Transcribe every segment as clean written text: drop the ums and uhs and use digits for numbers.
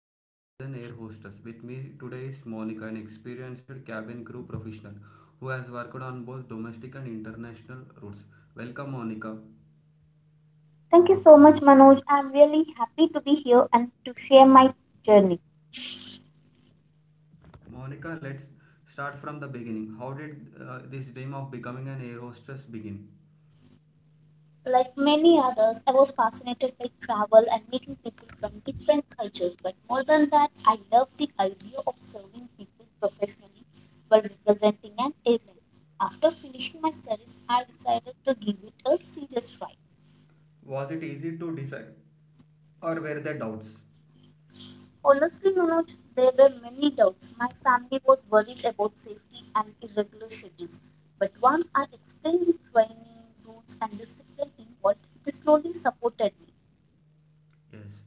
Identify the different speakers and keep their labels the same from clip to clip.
Speaker 1: a career as an air hostess. With me today is Monica, an experienced cabin crew professional who has worked on both domestic and international routes. Welcome, Monica.
Speaker 2: Thank you so much, Manoj. I'm really happy to be here and to share my journey.
Speaker 1: Monica, let's start from the beginning. How did this dream of becoming an air hostess begin?
Speaker 2: Like many others, I was fascinated by travel and meeting people from different cultures. But more than that, I love the idea of serving people professionally while representing an airline. After finishing my studies, I decided to give it a serious try.
Speaker 1: Was it easy to decide, or were there doubts?
Speaker 2: Honestly, Manoj, there were many doubts. My family was worried about safety and irregular schedules. But once I explained the training, rules, and discipline involved, they slowly supported me.
Speaker 1: Yes.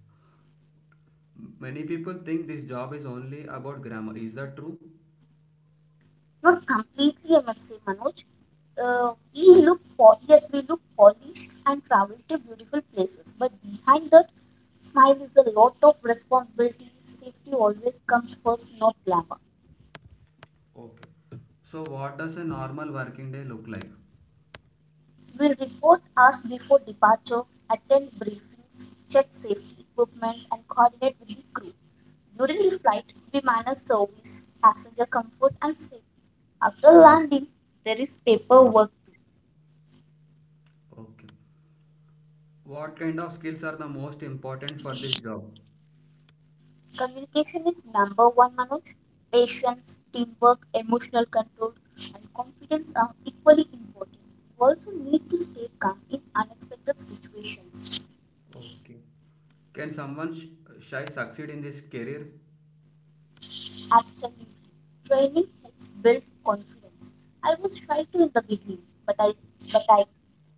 Speaker 1: Many people think this job is only about grammar. Is that true?
Speaker 2: Not completely, I must say, Manoj. Yes, we look polished and travel to beautiful places. But behind that smile is a lot of responsibility. Safety always comes first, not glamour.
Speaker 1: Okay. So, what does a normal working day look like?
Speaker 2: We report hours before departure, attend briefings, check safety equipment, and coordinate with the crew. During the flight, we manage service, passenger comfort, and safety. After landing, there is paperwork too.
Speaker 1: Okay. What kind of skills are the most important for this job?
Speaker 2: Communication is number one, Manoj. Patience, teamwork, emotional control, and confidence are equally important. You also need to stay calm in unexpected situations.
Speaker 1: Okay. Can someone shy succeed in this career?
Speaker 2: Absolutely. Training helps build confidence. I was shy too in the beginning, but I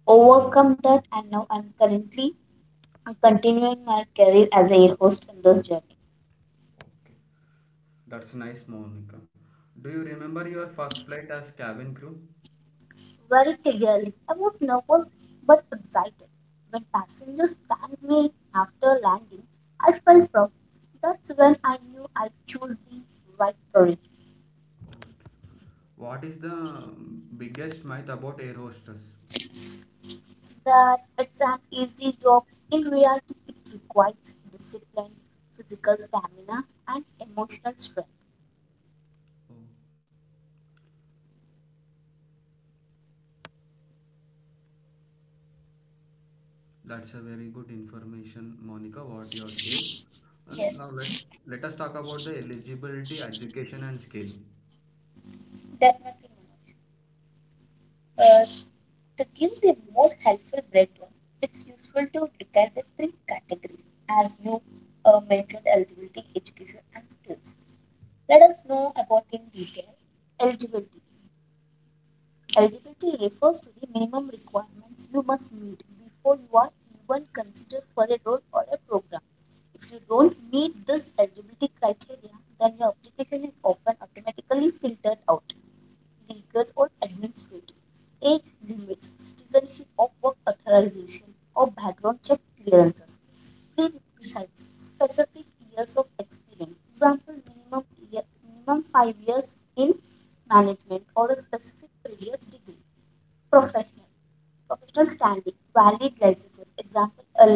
Speaker 2: overcome that, and now I'm currently continuing my career as a air host in this journey.
Speaker 1: Okay. That's nice, Monica. Do you remember your first flight as cabin crew?
Speaker 2: Very clearly, I was nervous but excited. When passengers thanked me after landing, I felt proud. That's when I knew I chose the right career.
Speaker 1: Okay. What is the biggest myth about air hostess?
Speaker 2: That it's an easy job. In reality, it requires discipline, physical stamina, and emotional strength.
Speaker 1: Okay. That's a very good information, Monica, what you have shared. And
Speaker 2: Yes,
Speaker 1: now let, Let us talk about the eligibility, education and skill.
Speaker 2: definitely. Uh, to give the most helpful breakdown, it's useful to look at the three categories as you mentioned: eligibility, education, and skills. Let us know about in detail. Eligibility. Eligibility refers to the minimum requirements you must meet before you are even considered for a role or a program. If you don't meet this eligibility criteria, then your application is often automatically filtered out, legal or administrative. Age limits, citizenship or work authorization or background check clearances. Prerequisites, specific years of experience. Example, minimum, year, minimum 5 years in management or a specific previous degree. Professional. Professional standing. Valid licenses. Example, a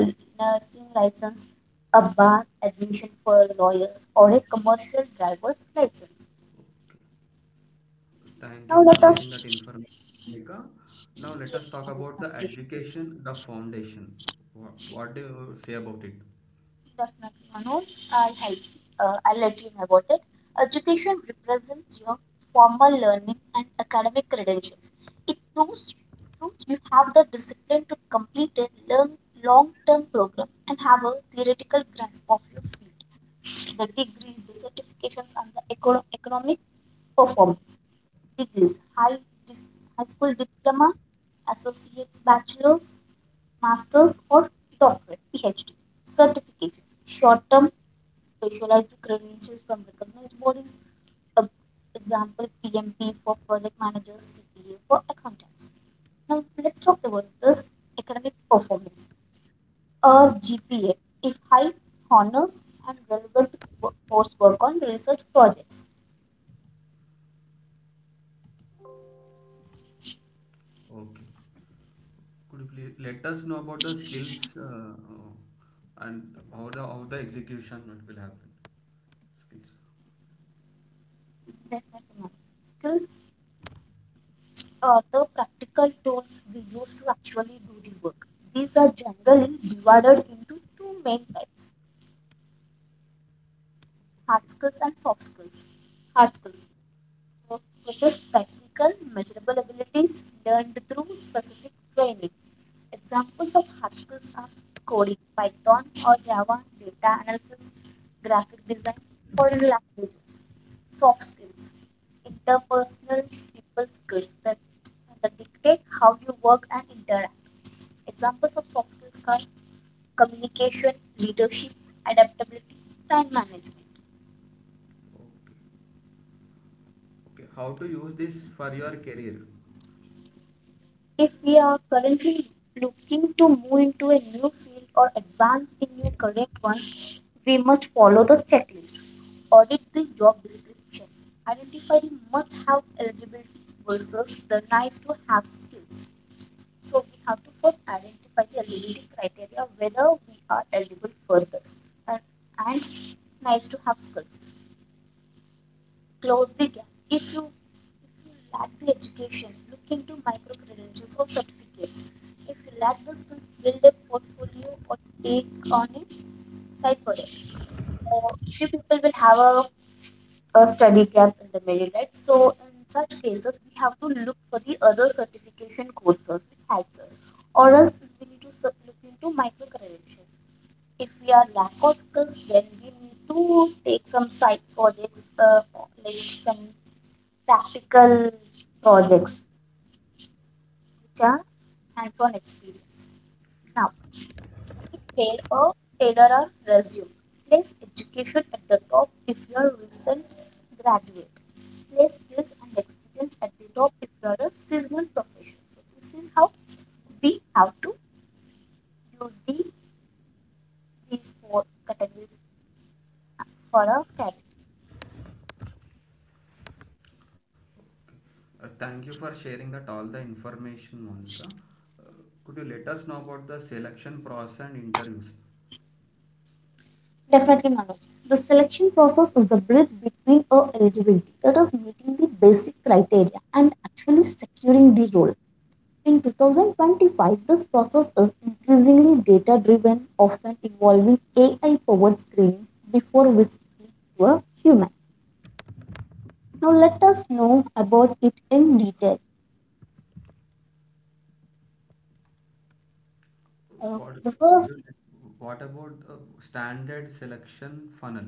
Speaker 2: nursing license, a bar admission for lawyers, or a commercial driver's license.
Speaker 1: Thank you
Speaker 2: Now
Speaker 1: for
Speaker 2: let
Speaker 1: sharing that
Speaker 2: us
Speaker 1: information, Monica. Now let us
Speaker 2: Yes,
Speaker 1: talk
Speaker 2: Manoj,
Speaker 1: about the
Speaker 2: definitely,
Speaker 1: education, the foundation. What do you say about it?
Speaker 2: definitely, Manoj. I'll help you. I'll let you know about it. Education represents your formal learning and academic credentials. It proves you have the discipline to complete a long term program and have a theoretical grasp of your field. The degrees, the certifications, and the economic performance. Degrees: high school diploma, associate's, bachelor's, master's, or doctorate (PhD). Certifications: short term, specialized credentials from recognized bodies. Uh, Example, PMP for project managers, CPA for accountants. Now let's talk about this academic performance or GPA, if high honors and relevant coursework on research projects.
Speaker 1: Okay. Could you please let us know about the skills, and how the execution will happen? Skills.
Speaker 2: Definitely, ma'am. Skills are the practical tools we use to actually do the work. These are generally divided into two main types: hard
Speaker 1: Okay.
Speaker 2: skills and soft skills. Hard skills work possess technical, measurable abilities learned through specific training. Examples of hard skills are coding, Python or Java, data analysis, graphic design, foreign languages. Soft skills, interpersonal people skills that dictate how you work and interact. Examples of soft skills are communication, leadership, adaptability, time management.
Speaker 1: Okay. Okay. How to use this for your career?
Speaker 2: If we are currently looking to move into a new field or advance in your correct one, we must follow the checklist. Audit the job description. Identify the must have eligibility versus the nice to have skills. So we have to first identify the eligibility criteria whether we are eligible for this, and, and nice to have skills close the gap. If you lack the education, look into micro credentials or certificates. If you lack the skills, build a portfolio or take on a side project. Few people will have a study gap in the middle, right? So in such cases, we have to look for the other certification courses which helps us, or else we need to look into micro credentials. If we are lack of skills, then we need to take some side projects, like some practical projects which are hands-on experience. Now, tailor or tailor or resume. Place education at the top if you are recent graduate. Place skills and experience at the top if you are a seasonal professional. So this is how we have to use the these four categories for a career.
Speaker 1: Thank you for sharing that all the information, Monica. Uh, Could you let us know about the selection process and interviews?
Speaker 2: Definitely, Manoj. The selection process is a bridge between a eligibility, that is meeting the basic criteria, and actually securing the role. In 2025, this process is increasingly data driven, often involving AI powered screening before we speak to a human. Now,
Speaker 1: Oh,
Speaker 2: let us know about it in detail.
Speaker 1: what could
Speaker 2: The first
Speaker 1: what about standard selection funnel?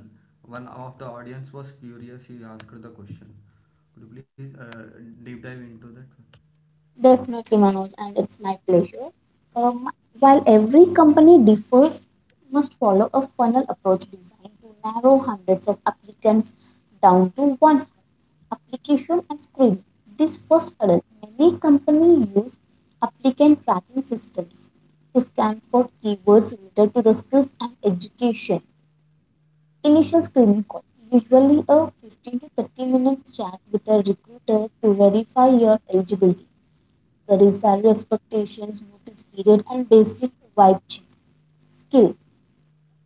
Speaker 1: One of the audience was curious. He asked the question. Could you please deep dive into that?
Speaker 2: Definitely, Manoj, and it's my pleasure. Um, while every company differs, must follow a funnel approach designed to narrow hundreds of applicants down to one application and screening. This first hurdle, many companies use applicant tracking systems to scan for keywords related to the skills and education. Initial screening call, usually a 15 to 30 minutes chat with a recruiter to verify your eligibility. Career salary expectations, notice period, and basic vibe check. Skill.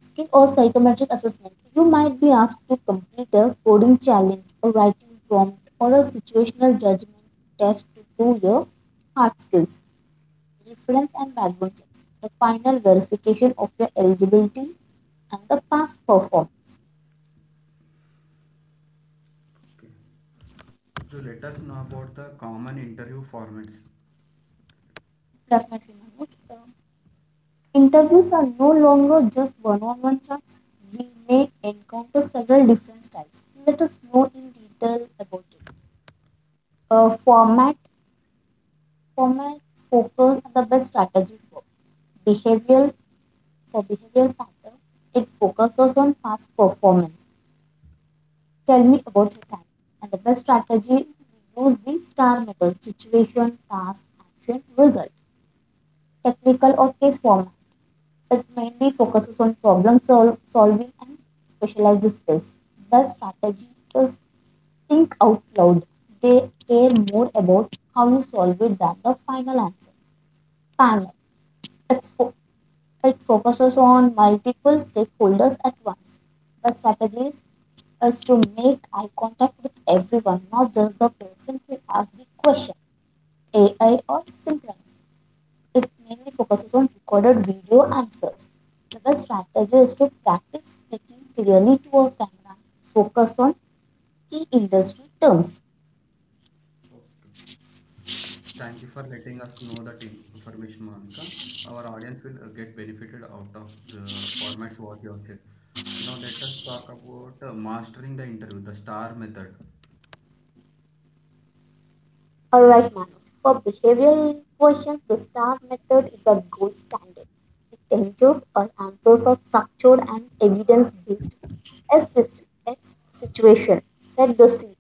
Speaker 2: Skill or psychometric assessment. You might be asked to complete a coding challenge or writing prompt or a situational judgment test to prove your hard skills. Reference and background checks. The final verification of your eligibility and the past performance.
Speaker 1: Okay. So let us know about the common interview formats?
Speaker 2: Definitely, Manoj. Interviews are no longer just one on one chats. We may encounter several different styles. Let us know in detail about it. Uh, format, format, Focus, and the best strategy for behavioral behavioral pattern. It focuses on past performance. Tell me about your time. And the best strategy, we use the star method: situation, task, action, result. Technical or case format. That mainly focuses on problem solving and specialized skills. The strategists think out loud. They care more about how you solve it than the final answer. Panel. It's fo- it focuses on multiple stakeholders at once. The strategies is to make eye contact with everyone, not just the person who asked the question. AI or synchronous. It mainly focuses on recorded video answers. The best strategy is to practice speaking clearly to a camera, focus on key industry terms.
Speaker 1: Thank you for letting us know that information, Monica. Our audience will get benefited out of the formats what you have said. Now let us talk about mastering the interview, the STAR method.
Speaker 2: Alright, Manu. For behavioral questions, the STAR method is a gold standard. The answers or answers are structured and evidence-based. S is X situation. Set the scene.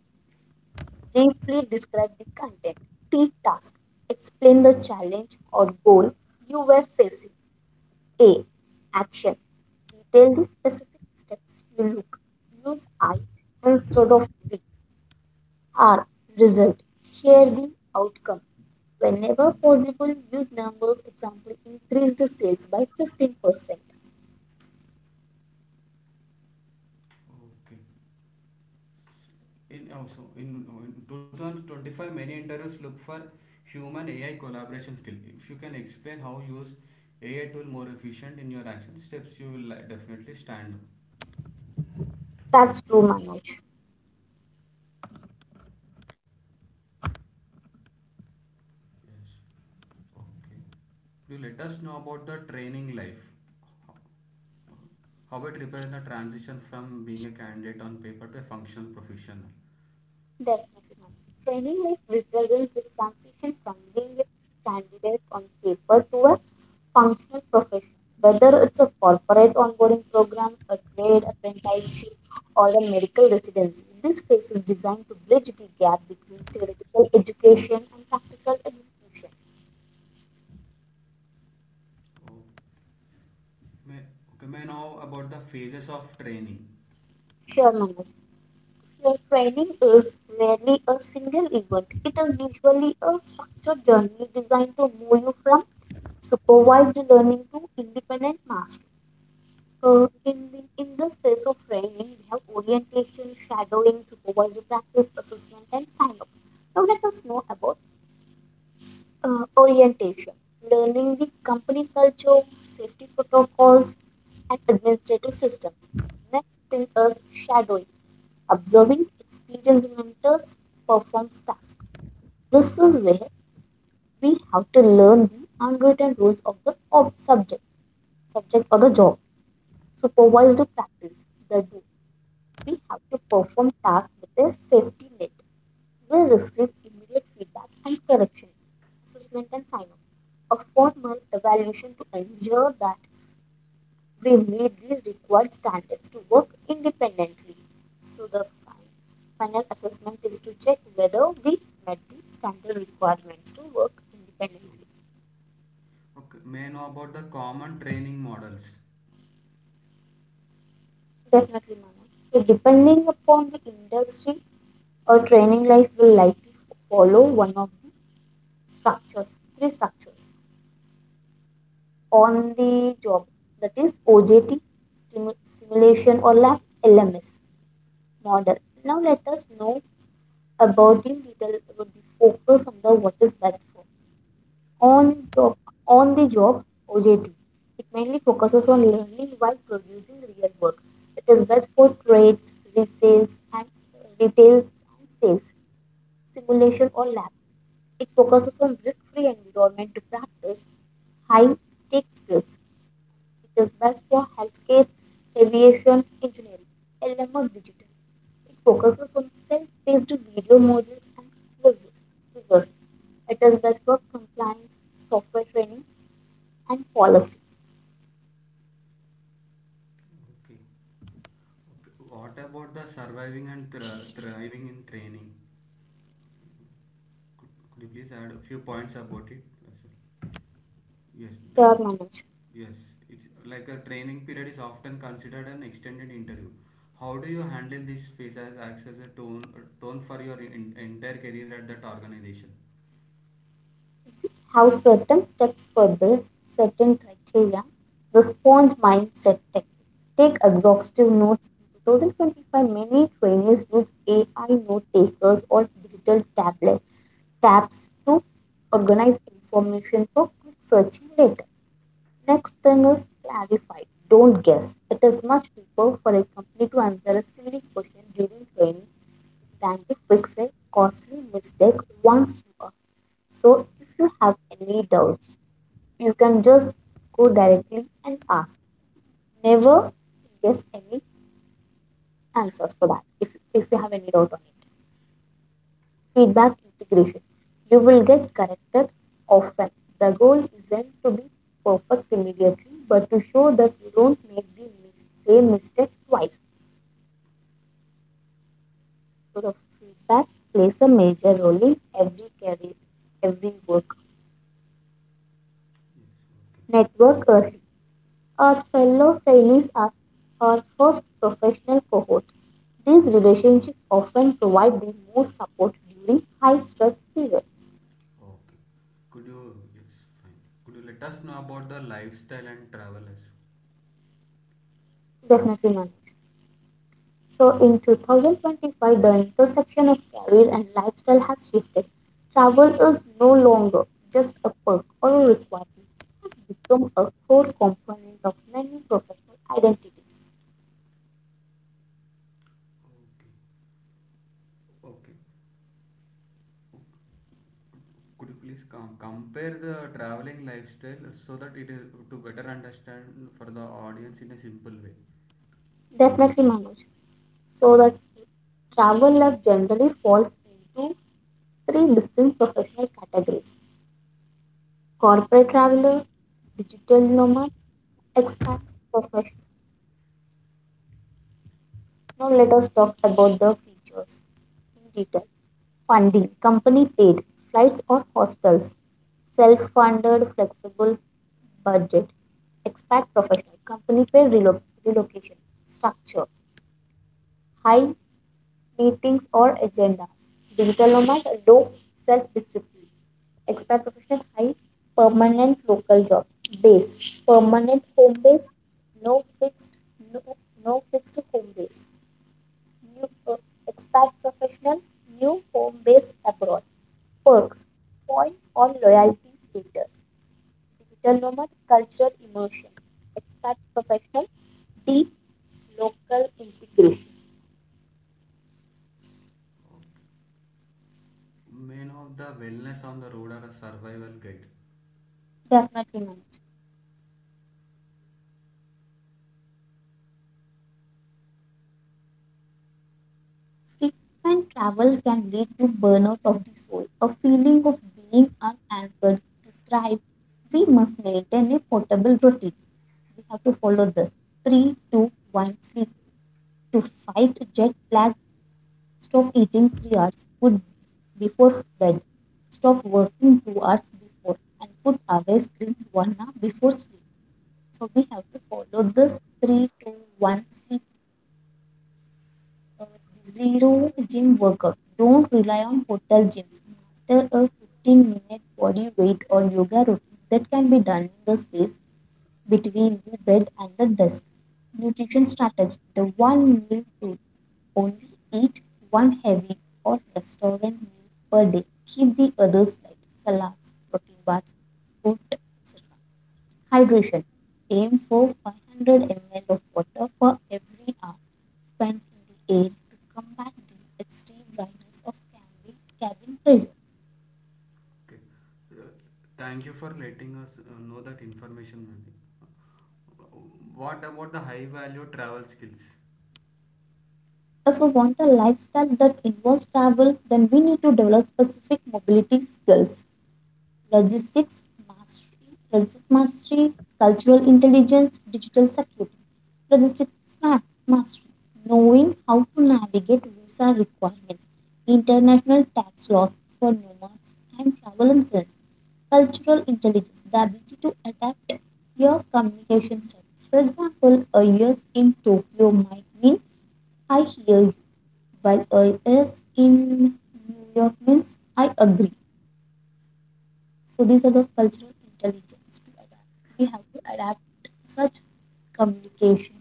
Speaker 2: Briefly describe the content. T, task. Explain the challenge or goal you were facing. A. Action. Detail the specific steps you look. Use I instead of we. R. Result. Share the outcome. Whenever possible, use numbers. Example, increased sales by 15%.
Speaker 1: Okay. In 2025, many interviews look for human AI collaboration skill. If you can explain how you use AI tool more efficient in your action steps, you will definitely stand.
Speaker 2: That's true, Manoj.
Speaker 1: Yes. Okay. Could you let us know about the training life? How it repairs the transition from being a candidate on paper to a functional professional?
Speaker 2: Definitely, Manu. Training life represents the transition from being a candidate on paper to a functional profession. Whether it's a corporate onboarding program, a trade apprenticeship, or a medical residency, this phase is designed to bridge the gap between theoretical education and practical execution.
Speaker 1: Oh, May, okay, may I know about the phases of training.
Speaker 2: Sure, Manoj. Your training is rarely a single event. It is usually a structured journey designed to move you from supervised learning to independent mastery. In the space of training, we have orientation, shadowing, supervisor practice, assessment, and sign-off. Now let us know about orientation, learning the company culture, safety protocols, and administrative systems. Next thing is shadowing, observing experienced mentors performs tasks. This is where we have to learn the unwritten rules of the subject or the job. Supervised practice, the do we have to perform tasks with a safety net. We receive immediate feedback and correction, assessment and sign-off, a formal evaluation to ensure that we meet the required standards to work independently. So the final assessment is to check whether we met the standard requirements to work independently.
Speaker 1: Okay, may I know about the common training models.
Speaker 2: Definitely, Manoj. So depending upon the industry or training life will likely follow one of the three structures. On the job, that is OJT, simulation or lab, LMS model. Now let us know about in detail about the focus on the what is best for on job on the job OJT. It mainly focuses on learning while producing real work. It is best for trades, resales, and retail and sales. Simulation or lab. It focuses on risk-free environment to practice high-stake skills. It is best for healthcare, aviation, engineering, and almost digital. It focuses on self-paced video models and quizzes. quizzes. It is best for compliance, software training, and policy.
Speaker 1: Okay. Okay. What about the surviving and thriving in training? Could you please add a few points about it, as well? Yes. The,
Speaker 2: Sure, Manoj.
Speaker 1: Yes, it's like a training period is often considered an extended interview. How do you handle this phase as acts as tone for your entire career at that organization?
Speaker 2: Have certain steps for this, certain criteria, the sponge mindset technique. Take exhaustive notes. In 2025, many trainees use AI note takers or digital tablet tabs to organize information for quick searching later. Next thing is clarify. Don't guess. It is much cheaper for a company to answer a silly question during training than to fix a costly mistake once you are, so if you have any doubts, you can just go directly and ask. Never guess any answers for that. If you have any doubt on it, feedback integration. You will get corrected often. The goal isn't to be perfect immediately, but to show that you don't make the same mistake twice. So the feedback plays a major role in every career, every work.
Speaker 1: Yes, okay,
Speaker 2: Network early or fellow trainees are our first professional cohort. These relationships often provide the most support during high stress periods.
Speaker 1: okay. Could you, yes, fine. Could you let us know about the lifestyle and travelers?
Speaker 2: Definitely, Manoj. So, in 2025, the intersection of career and lifestyle has shifted. Travel is no longer just a perk or a requirement, it has become a core component of many professional identities.
Speaker 1: Okay, okay. Could you please compare the traveling lifestyle so that it is to better understand for the audience in a simple way?
Speaker 2: Definitely, Manoj. So the travel life generally falls into three different professional categories: corporate traveler, digital nomad, expat professional. Now let us talk about the features in detail. Funding, company paid, flights or hostels, self-funded flexible budget, expat professional, company paid relocation, structure, high meetings or agendas. Digital nomad, low self-discipline. Expat professional, high permanent local job. Base, permanent home base, no fixed, no, no fixed home base. New, expat professional, new home base abroad. Perks, points or loyalty status. Digital nomad, cultural immersion. Expat professional, deep local integration.
Speaker 1: Okay. Main of the wellness on the road or a survival guide.
Speaker 2: Definitely, manage. Frequent travel can lead to burnout of the soul, a feeling of being unanchored. To thrive, we must maintain a portable routine. We have to follow this 3-2-1 sleep. To fight jet lag, stop eating 3 hours food before bed. Stop working 2 hours before and put away screens 1 hour before sleep. So we have to follow this 3-2-1 sleep. Zero gym workout. Don't rely on hotel gyms. Master a 15-minute body weight or yoga routine that can be done in the space between the bed and the desk. Nutrition strategy, the one meal rule. Only eat one heavy or restaurant meal per day. Keep the others light, salads, protein bars, fruit, etc. Hydration. Aim for 500 ml of water for every hour spent in the air to combat the extreme dryness of cabin trade.
Speaker 1: Okay. Uh, Thank you for letting us know that information, Manik. What about the high value travel skills?
Speaker 2: If we want a lifestyle that involves travel, then we need to develop specific mobility skills. Logistics mastery, logistics mastery, cultural intelligence, digital security. Logistics ma- mastery, knowing how to navigate visa requirements, international tax laws for nomads and travelers. Cultural intelligence, the ability to adapt your communication style. For example, a yes in Tokyo might mean I hear you, while a yes in New York means I agree. So these are the cultural intelligence to adapt. We have to adapt such communication.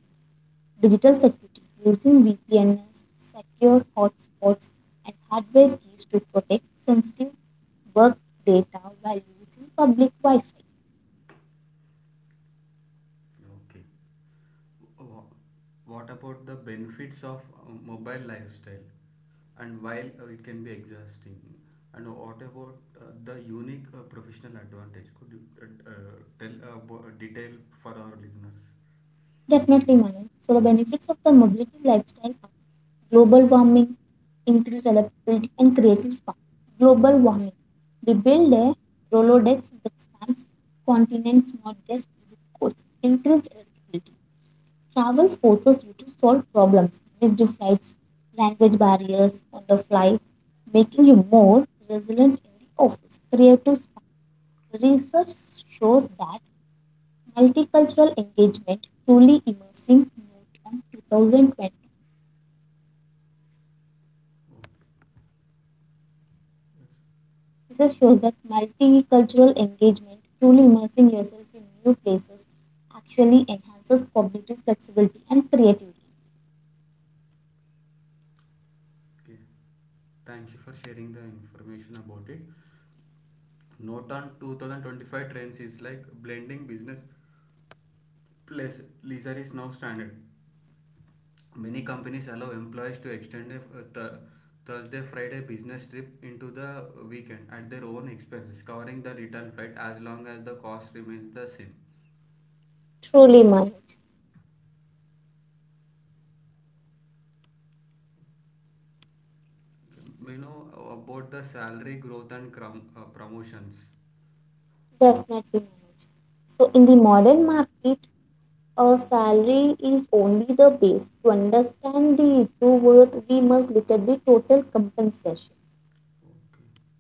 Speaker 2: Digital security, using VPNs, secure hotspots, and hardware keys to protect sensitive work data while using public Wi-Fi.
Speaker 1: Okay. Wha- What about the benefits of mobile lifestyle? And while it can be exhausting, and what about the unique professional advantage? Could you tell about detail for our listeners?
Speaker 2: Definitely, Manu. So the benefits of the mobility lifestyle are global warming, increased adaptability, and creative spark. Global warming. We build a Rolodex that spans continents, not just zip codes. Increased adaptability. Travel forces you to solve problems, missed flights, language barriers on the fly, making you more resilient in the office. Creative spark. Research shows that multicultural engagement truly immersing note on 2020. This shows that multicultural engagement, truly immersing yourself in new places, actually enhances cognitive flexibility and creativity.
Speaker 1: Okay. Thank you for sharing the information about it. Notan 2025 trends is like blending business plus leisure is now standard. Many companies allow employees to extend a Thursday Friday business trip into the weekend at their own expenses, covering the return flight as long as the cost remains the same.
Speaker 2: Truly, Manoj.
Speaker 1: Okay. You know about the salary growth and promotions.
Speaker 2: Definitely, Manoj. So, in the modern market, a salary is only the base. To understand the true worth, we must look at the total compensation.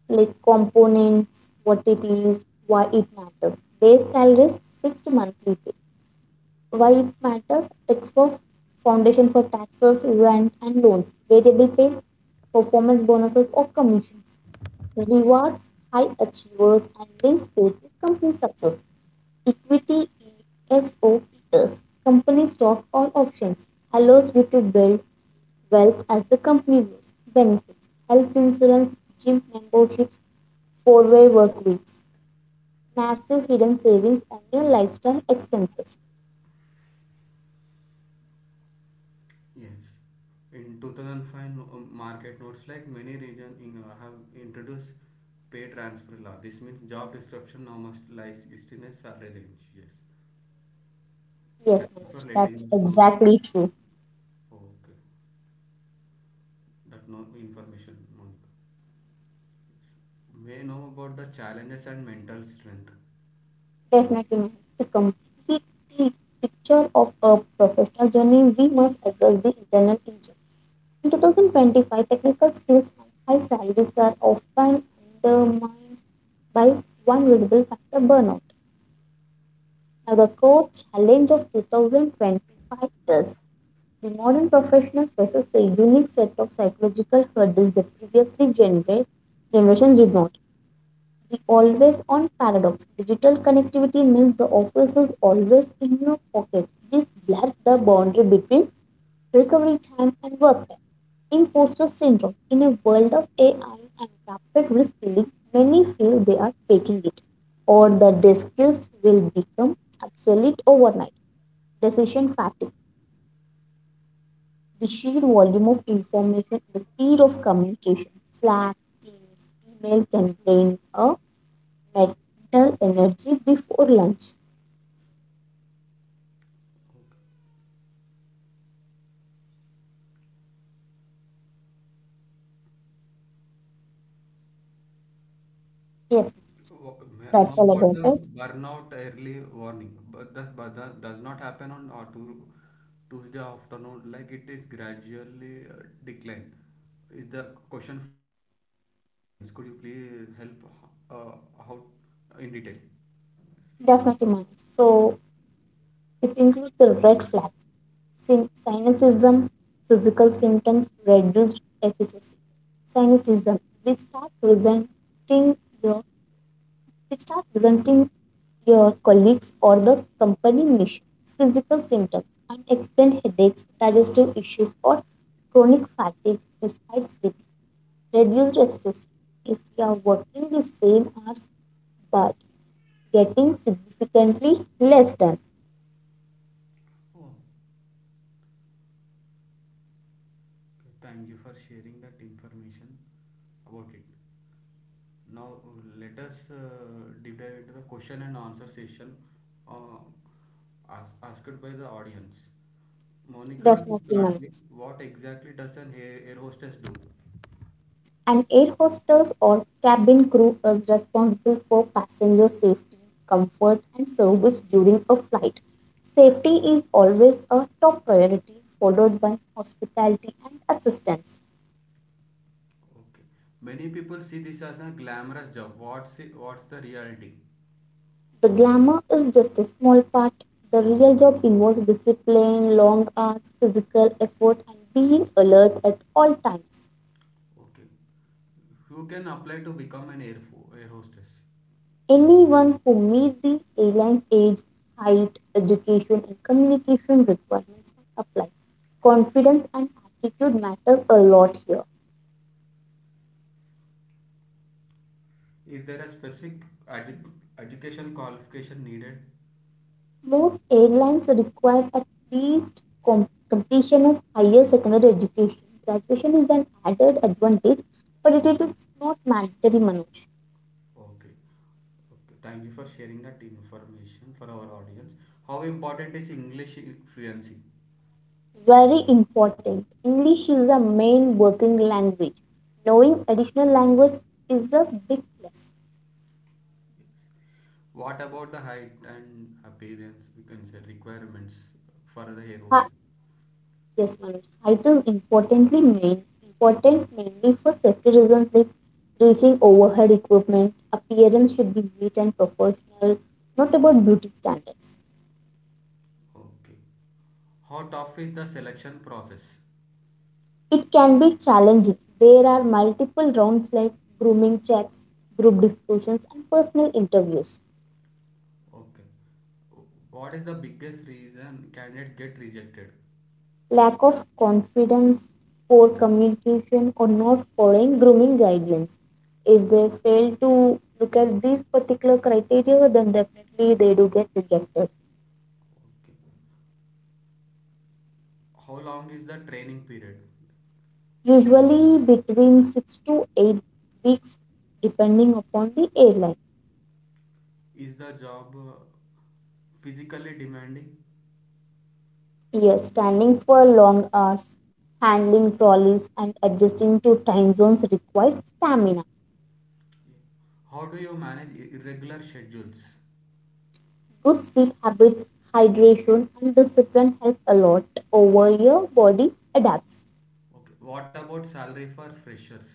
Speaker 2: Like components, what it is, why it matters. Base salary is fixed monthly pay. Why it matters? It's for foundation for taxes, rent, and loans. Variable pay, performance bonuses, or commissions. Rewards high achievers and links pay to company success. Equity, ESOPs, companies stop all options, allows you to build wealth as the company grows. Benefits, health insurance, gym memberships, four-way work weeks, massive hidden savings on your lifestyle expenses.
Speaker 1: Yes. In 2005 market notes like many region in have introduced pay transfer law. This means job disruption now must lies in a salary range. Yes.
Speaker 2: Yes,
Speaker 1: Thank you for
Speaker 2: Manoj,
Speaker 1: letting
Speaker 2: that's
Speaker 1: us know.
Speaker 2: exactly true.
Speaker 1: Okay. That no information, Monica. Yes. May know about the challenges and mental strength.
Speaker 2: Definitely, Manoj. To complete the picture of a professional journey, we must address the internal engine. In 2025, technical skills and high salaries are often undermined by one visible factor, burnout. Now, the core challenge of 2025 is the modern professional faces a unique set of psychological hurdles that previously generations did not. The always on paradox, digital connectivity means the office is always in your pocket. This blurs the boundary between recovery time and work time. Imposter syndrome. In a world of AI and rapid reskilling, many feel they are faking it or that their skills will become obsolete overnight. Decision fatigue. The sheer volume of information and the speed of communication, Slack, Teams, email, can drain a mental energy before lunch. Yes, ma'am,
Speaker 1: No,
Speaker 2: that's all
Speaker 1: about
Speaker 2: about
Speaker 1: the
Speaker 2: it.
Speaker 1: burnout early warning, but that does not happen on Tuesday afternoon. Like it is gradually decline. Is the question from audience? Could you please help uh, how in detail?
Speaker 2: Definitely, ma'am. So it includes the red flag, cynicism, physical symptoms, reduced efficacy. Cynicism. We start resenting your colleagues or the company mission. Physical symptoms, unexplained headaches, digestive issues, or chronic fatigue despite sleeping. Reduced efficacy. If you are working the same hours but getting significantly less done.
Speaker 1: Oh, okay. Thank you for sharing that information about it. Now let us deep dive into the question and answer session, uh, as asked by the audience. Monica, to
Speaker 2: Definitely,
Speaker 1: start
Speaker 2: ma'am.
Speaker 1: with, what exactly does an air hostess do?
Speaker 2: An air hostess or cabin crew is responsible for passenger safety, comfort, and service during a flight. Safety is always a top priority, followed by hospitality and assistance.
Speaker 1: Okay. Many people see this as a glamorous job. What's the reality?
Speaker 2: The glamour is just a small part. The real job involves discipline, long hours, physical effort, and being alert at all times.
Speaker 1: Okay. Who can apply to become an air hostess?
Speaker 2: Anyone who meets the airline's age, height, education, and communication requirements can apply. Confidence and attitude matters a lot here.
Speaker 1: Is there a specific edu- education qualification needed?
Speaker 2: Most airlines require at least completion of higher secondary education. Graduation is an added advantage, but it is not mandatory, Manoj.
Speaker 1: Okay. Okay. Thank you for sharing that information for our audience. How important is English fluency?
Speaker 2: Very important. English is the main working language. Knowing additional language is a big plus.
Speaker 1: What about the height and appearance? We can say requirements for the air hostess.
Speaker 2: Yes, Manoj. Height is important mainly for safety reasons like reaching overhead equipment. Appearance should be neat and professional, not about beauty standards.
Speaker 1: Okay. How tough is the selection process?
Speaker 2: It can be challenging. There are multiple rounds like grooming checks, group discussions, and personal interviews.
Speaker 1: Okay. What is the biggest reason candidates get rejected?
Speaker 2: Lack of confidence, poor communication, or not following grooming guidelines. If they fail to look at these particular criteria, then definitely they do get rejected.
Speaker 1: Okay. How long is the training period?
Speaker 2: Usually between 6 to 8 weeks depending upon the airline.
Speaker 1: Is the job physically demanding?
Speaker 2: Yes, standing for long hours, handling trolleys and adjusting to time zones requires stamina.
Speaker 1: Yeah. How do you manage irregular schedules?
Speaker 2: Good sleep habits, hydration and discipline help a lot over your body adapts.
Speaker 1: Okay. What about salary for freshers?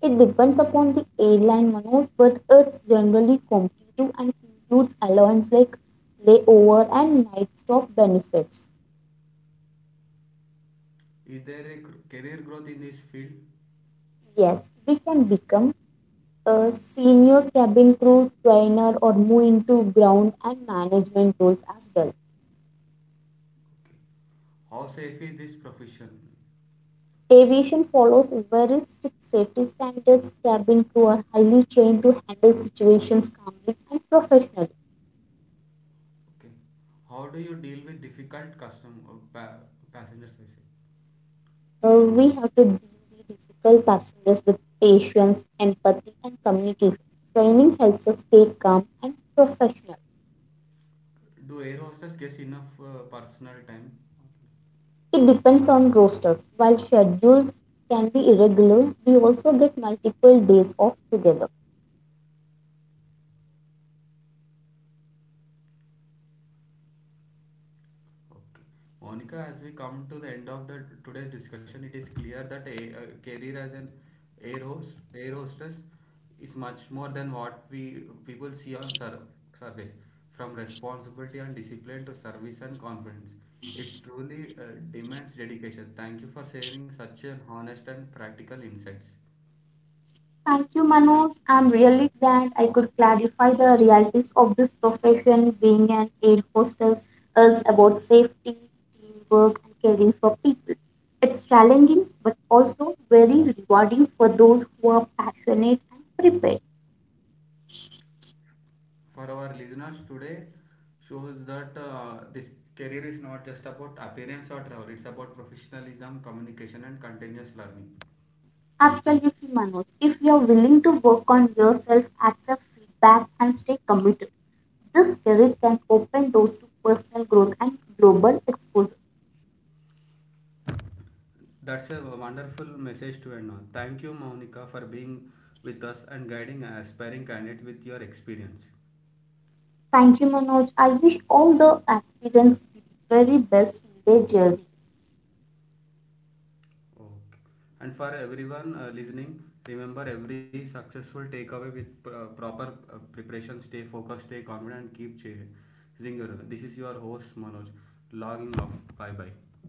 Speaker 2: It depends upon the airline Manoj, but it's generally competitive and includes allowance like layover and night stop benefits.
Speaker 1: Is there a career growth in this field?
Speaker 2: Yes, we can become a senior cabin crew, trainer, or move into ground and management roles as well.
Speaker 1: Okay. How safe is this profession?
Speaker 2: Aviation follows very strict safety standards. Cabin crew are highly trained to handle situations calmly and professionally.
Speaker 1: Okay. How do you deal with difficult passengers, I say?
Speaker 2: We have to deal with difficult passengers with patience, empathy, and communication. Training helps us stay calm and professional.
Speaker 1: Do air hostess gets enough personal time?
Speaker 2: It depends on rosters. While schedules can be irregular, we also get multiple days off together.
Speaker 1: Okay. Monica, as we come to the end of the today's discussion, it is clear that a career as an air hostess is much more than what we people see on surface. From responsibility and discipline to service and confidence, it truly demands dedication. Thank you for sharing such an honest and practical insights.
Speaker 2: Thank you, Manoj. I'm really glad I could clarify the realities of this profession. Being an air hostess is about safety, teamwork, and caring for people. It's challenging, but also very rewarding for those who are passionate and prepared.
Speaker 1: For our listeners today shows that this career is not just about appearance or travel, it's about professionalism, communication and continuous learning.
Speaker 2: Absolutely, Manoj. If you're willing to work on yourself, accept feedback, and stay committed, this career can open doors to personal growth and global exposure.
Speaker 1: That's a wonderful message to end on. Thank you, Monica, for being with us and guiding aspiring candidates with your experience.
Speaker 2: Thank you, Manoj. I wish all the aspirants the very best in their journey.
Speaker 1: Okay, and for everyone listening, remember every successful takeaway with proper preparation. Stay focused, stay confident and keep chasing your. This is your host Manoj, logging off. Bye bye.